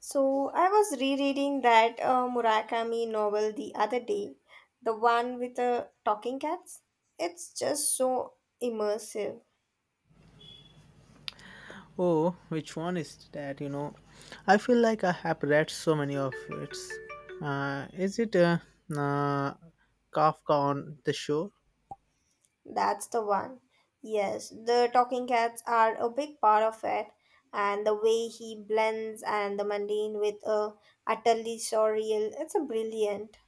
So I was rereading that Murakami novel the other day, the one with the talking cats. It's just so immersive. Oh, which one is that? I feel like I have read so many of its. Is it uh, Kafka on the Shore? That's the one. Yes, the talking cats are a big part of it, and the way he blends and the mundane with a utterly surreal. It's a brilliant.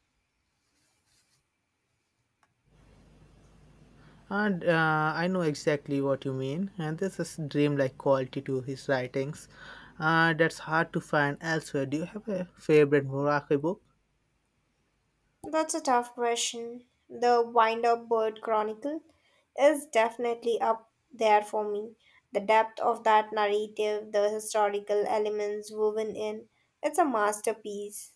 And I know exactly what you mean. And this is dreamlike quality to his writings. That's hard to find elsewhere. Do you have a favorite Murakami book? That's a tough question. The Wind Up Bird Chronicle is definitely up there for me. The depth of that narrative, the historical elements woven in, it's a masterpiece.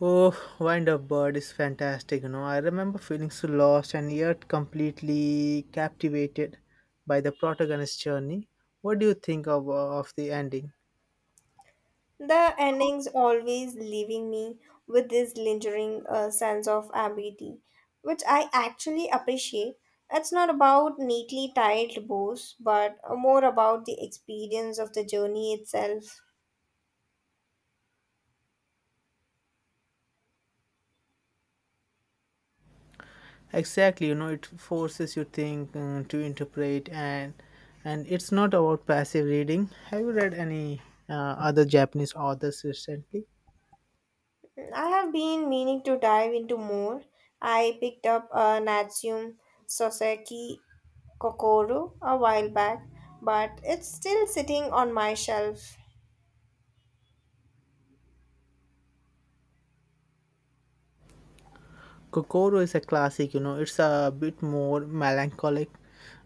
Oh, Wind Up Bird is fantastic, I remember feeling so lost and yet completely captivated by the protagonist's journey. What do you think of the ending? The endings always leaving me with this lingering sense of ambiguity, which I actually appreciate. It's not about neatly tied bows, but more about the experience of the journey itself. Exactly, it forces you think to interpret and it's not about passive reading. Have you read any uh, other Japanese authors recently? I have been meaning to dive into more. I picked up a Natsume Soseki Kokoro a while back, but it's still sitting on my shelf. Kokoro is a classic, it's a bit more melancholic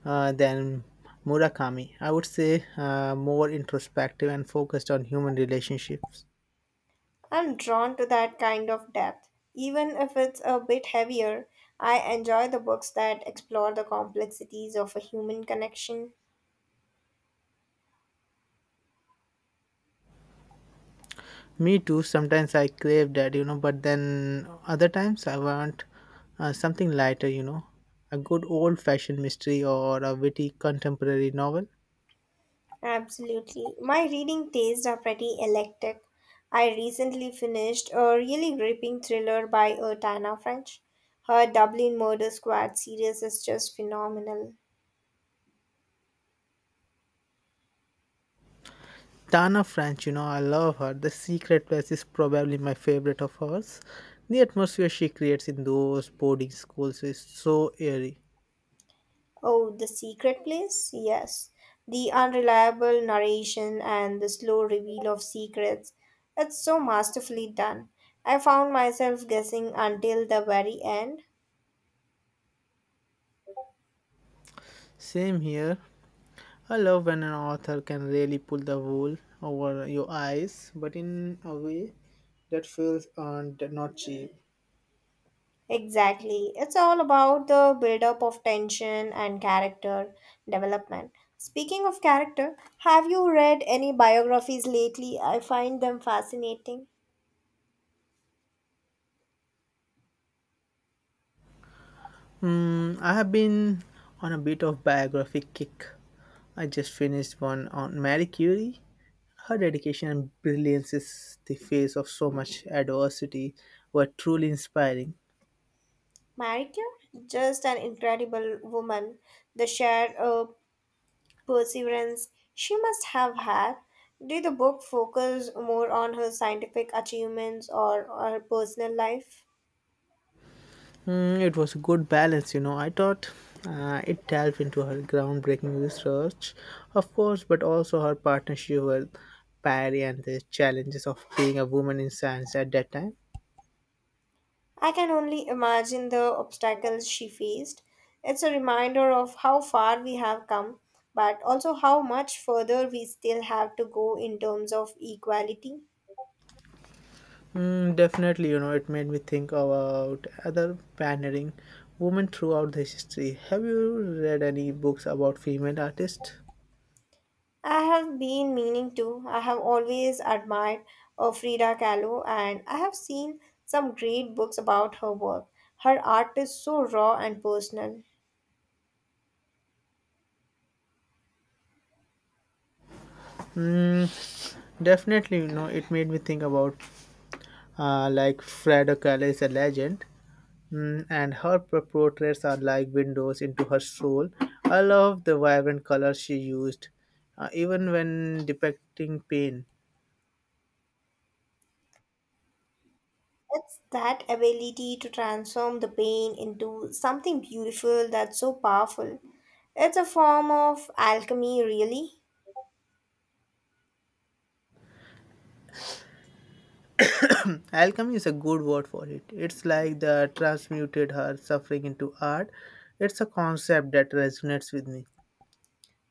than Murakami. I would say more introspective and focused on human relationships. I'm drawn to that kind of depth. Even if it's a bit heavier, I enjoy the books that explore the complexities of a human connection. Me too, sometimes I crave that, but then other times I want something lighter, a good old fashioned mystery or a witty contemporary novel. Absolutely. My reading tastes are pretty eclectic. I recently finished a really gripping thriller by Tana French. Her Dublin Murder Squad series is just phenomenal. Tana French, I love her. The Secret Place is probably my favorite of hers. The atmosphere she creates in those boarding schools is so eerie. Oh, The Secret Place? Yes. The unreliable narration and the slow reveal of secrets. It's so masterfully done. I found myself guessing until the very end. Same here. I love when an author can really pull the wool over your eyes, but in a way that feels earned, not cheap. Exactly. It's all about the buildup of tension and character development. Speaking of character, have you read any biographies lately? I find them fascinating. Hmm, I have been on a bit of biography kick. I just finished one on Marie Curie. Her dedication and brilliance is the face of so much adversity were truly inspiring. Marie Curie, just an incredible woman. The sheer perseverance she must have had. Did the book focus more on her scientific achievements or her personal life? Hmm, it was a good balance, I thought it delved into her groundbreaking research, of course, but also her partnership with Parry and the challenges of being a woman in science at that time. I can only imagine the obstacles she faced. It's a reminder of how far we have come, but also how much further we still have to go in terms of equality. Mm, definitely, it made me think about other pioneering women throughout the history. Have you read any books about female artists? I have been meaning to. I have always admired Frida Kahlo, and I have seen some great books about her work. Her art is so raw and personal. Mm, definitely, it made me think about like Frida Kahlo is a legend, mm, and her portraits are like windows into her soul. I love the vibrant colors she used, even when depicting pain. It's that ability to transform the pain into something beautiful that's so powerful. It's a form of alchemy, really. Alchemy is a good word for it. It's like the transmuted her suffering into art. It's a concept that resonates with me.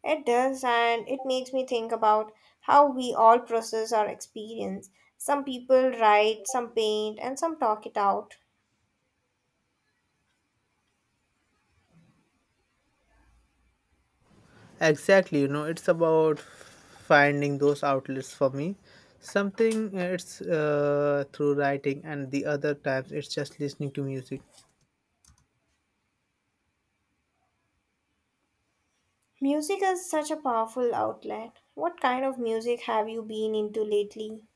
It does, and it makes me think about how we all process our experience. Some people write, some paint, and some talk it out. Exactly, it's about finding those outlets for me. Something it's through writing, and the other times it's just listening to music. Music is such a powerful outlet. What kind of music have you been into lately?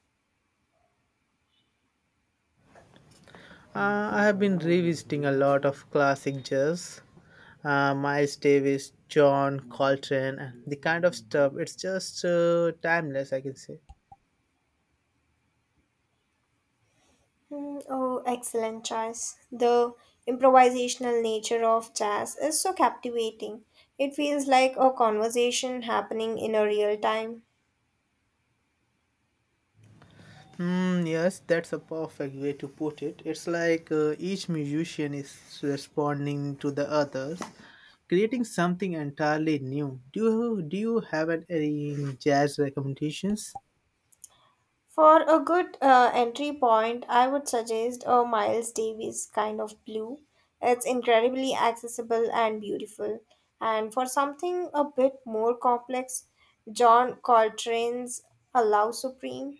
I have been revisiting a lot of classic jazz. Miles Davis, John Coltrane, and the kind of stuff. It's just timeless, I can say. Mm, oh, excellent choice. The improvisational nature of jazz is so captivating. It feels like a conversation happening in a real time. Hmm, yes, that's a perfect way to put it. It's like each musician is responding to the others, creating something entirely new. Do you have any jazz recommendations? For a good entry point, I would suggest a Miles Davis kind of blue. It's incredibly accessible and beautiful. And for something a bit more complex, John Coltrane's Allow Supreme.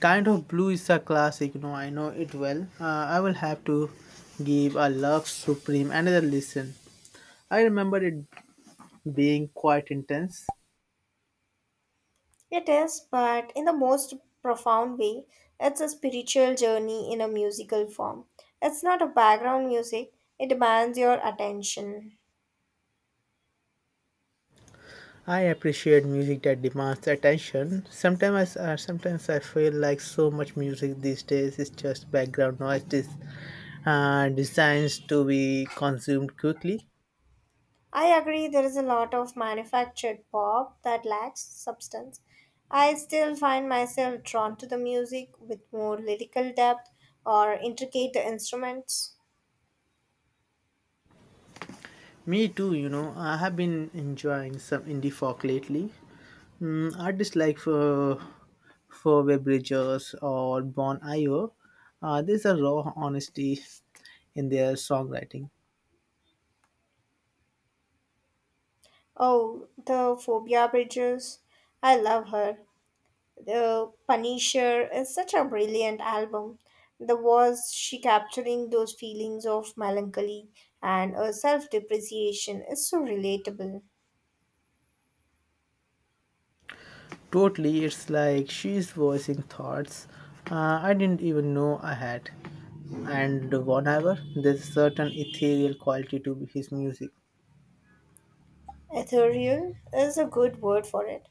Kind of Blue is a classic. No, I know it well. I will have to give a Love Supreme another listen. I remember it being quite intense. It is, but in the most profound way, it's a spiritual journey in a musical form. It's not a background music, it demands your attention. I appreciate music that demands attention. Sometimes, sometimes I feel like so much music these days is just background noise. This designed to be consumed quickly. I agree, there is a lot of manufactured pop that lacks substance. I still find myself drawn to the music with more lyrical depth or intricate instruments. Me too, I have been enjoying some indie folk lately. Mm, artists like for Web Bridges or Bon Iver. There's a raw honesty in their songwriting. Oh, the Phobia Bridges. I love her. The Punisher is such a brilliant album. The was she capturing those feelings of melancholy and a self depreciation is so relatable. Totally, it's like she's voicing thoughts I didn't even know I had. And whatever, there's a certain ethereal quality to his music. Ethereal is a good word for it.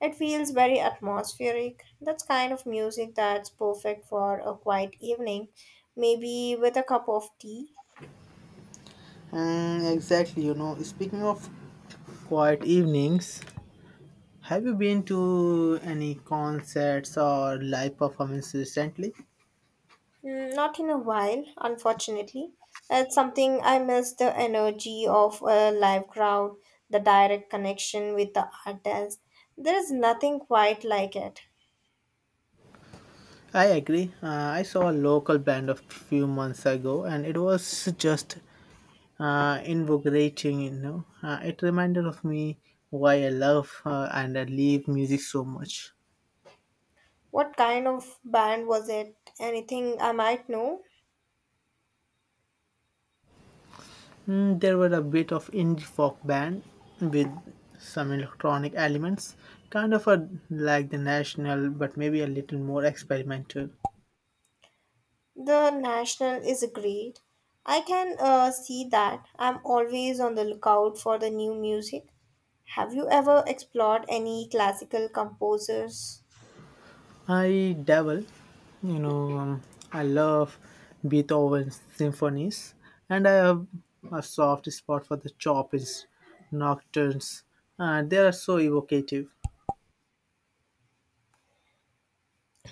It feels very atmospheric. That's kind of music that's perfect for a quiet evening, maybe with a cup of tea. Mm, exactly, Speaking of quiet evenings, have you been to any concerts or live performances recently? Mm, not in a while, unfortunately. It's something I miss the energy of a live crowd, the direct connection with the artist. There is nothing quite like it. I agree. I saw a local band a few months ago and it was just invigorating, it reminded of me why I love and I live music so much. What kind of band was it? Anything I might know? Mm, there were a bit of indie folk band with some electronic elements, kind of a, like the national, but maybe a little more experimental. The National is great. I can see that. I'm always on the lookout for the new music. Have you ever explored any classical composers? I dabble, you know, um, I love Beethoven's symphonies, and I have a soft spot for the Chopin's nocturnes. They are so evocative.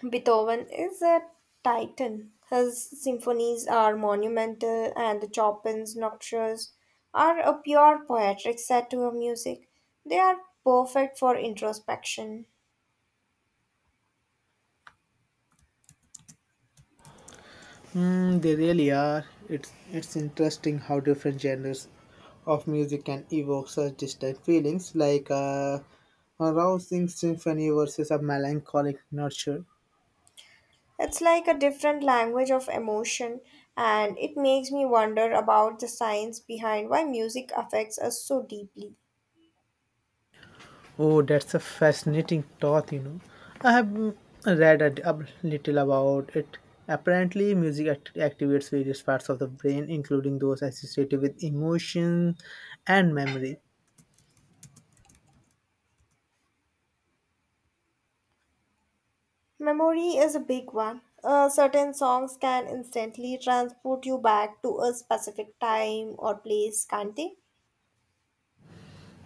Beethoven is a titan. His symphonies are monumental, and Chopin's nocturnes are a pure poetic satire of music. They are perfect for introspection. Mm, they really are. It's interesting how different genres of music can evoke such distinct feelings, like a rousing symphony versus a melancholic nurture. It's like a different language of emotion, and it makes me wonder about the science behind why music affects us so deeply. Oh, that's a fascinating thought, I have mm, read a, a little about it. Apparently, music activates various parts of the brain, including those associated with emotion and memory. Memory is a big one. Certain songs can instantly transport you back to a specific time or place, can't they?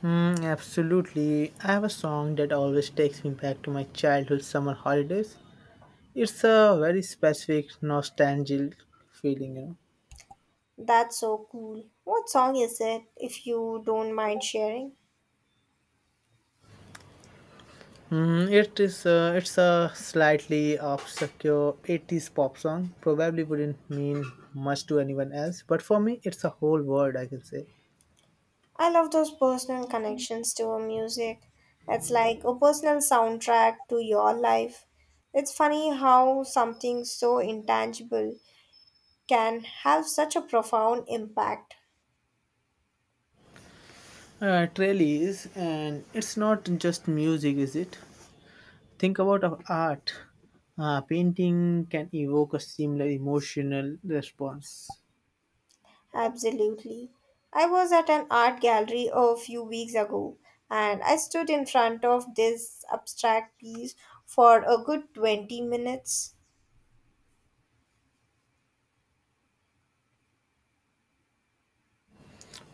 Mm, absolutely. I have a song that always takes me back to my childhood summer holidays. It's a very specific nostalgic feeling, That's so cool. What song is it, if you don't mind sharing? Mm, it is it's a slightly obscure 80s pop song. Probably wouldn't mean much to anyone else, but for me it's a whole world I can say. I love those personal connections to a music. It's like a personal soundtrack to your life. It's funny how something so intangible can have such a profound impact. It really is, and it's not just music, is it? Think about of art. Painting can evoke a similar emotional response. Absolutely. I was at an art gallery a few weeks ago and I stood in front of this abstract piece for a good 20 minutes.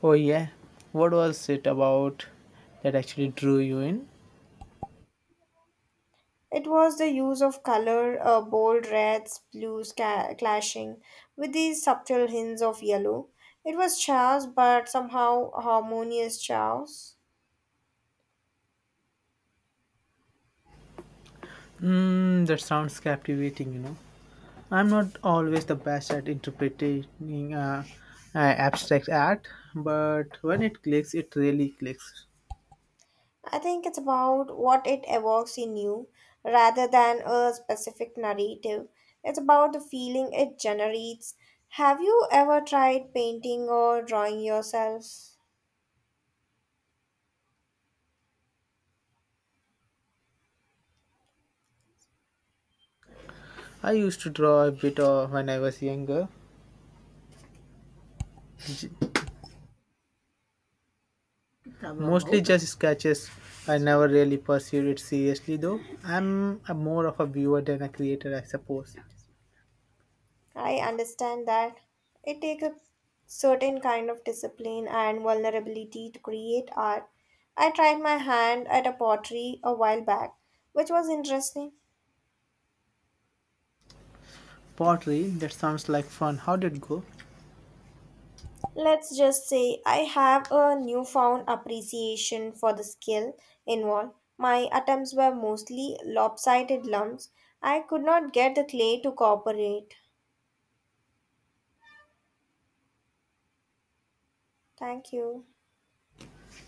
Oh yeah, what was it about that actually drew you in? It was the use of color, bold reds, blues clashing with these subtle hints of yellow. It was chaos, but somehow harmonious chaos. Mm, that sounds captivating, I'm not always the best at interpreting abstract art, but when it clicks, it really clicks. I think it's about what it evokes in you rather than a specific narrative. It's about the feeling it generates. Have you ever tried painting or drawing yourself? I used to draw a bit of when I was younger, mostly just sketches. I never really pursued it seriously though. I'm a more of a viewer than a creator, I suppose. I understand that it takes a certain kind of discipline and vulnerability to create art. I tried my hand at a pottery a while back, which was interesting. Pottery, that sounds like fun. How did it go? Let's just say I have a newfound appreciation for the skill involved. My attempts were mostly lopsided lumps. I could not get the clay to cooperate. Thank you.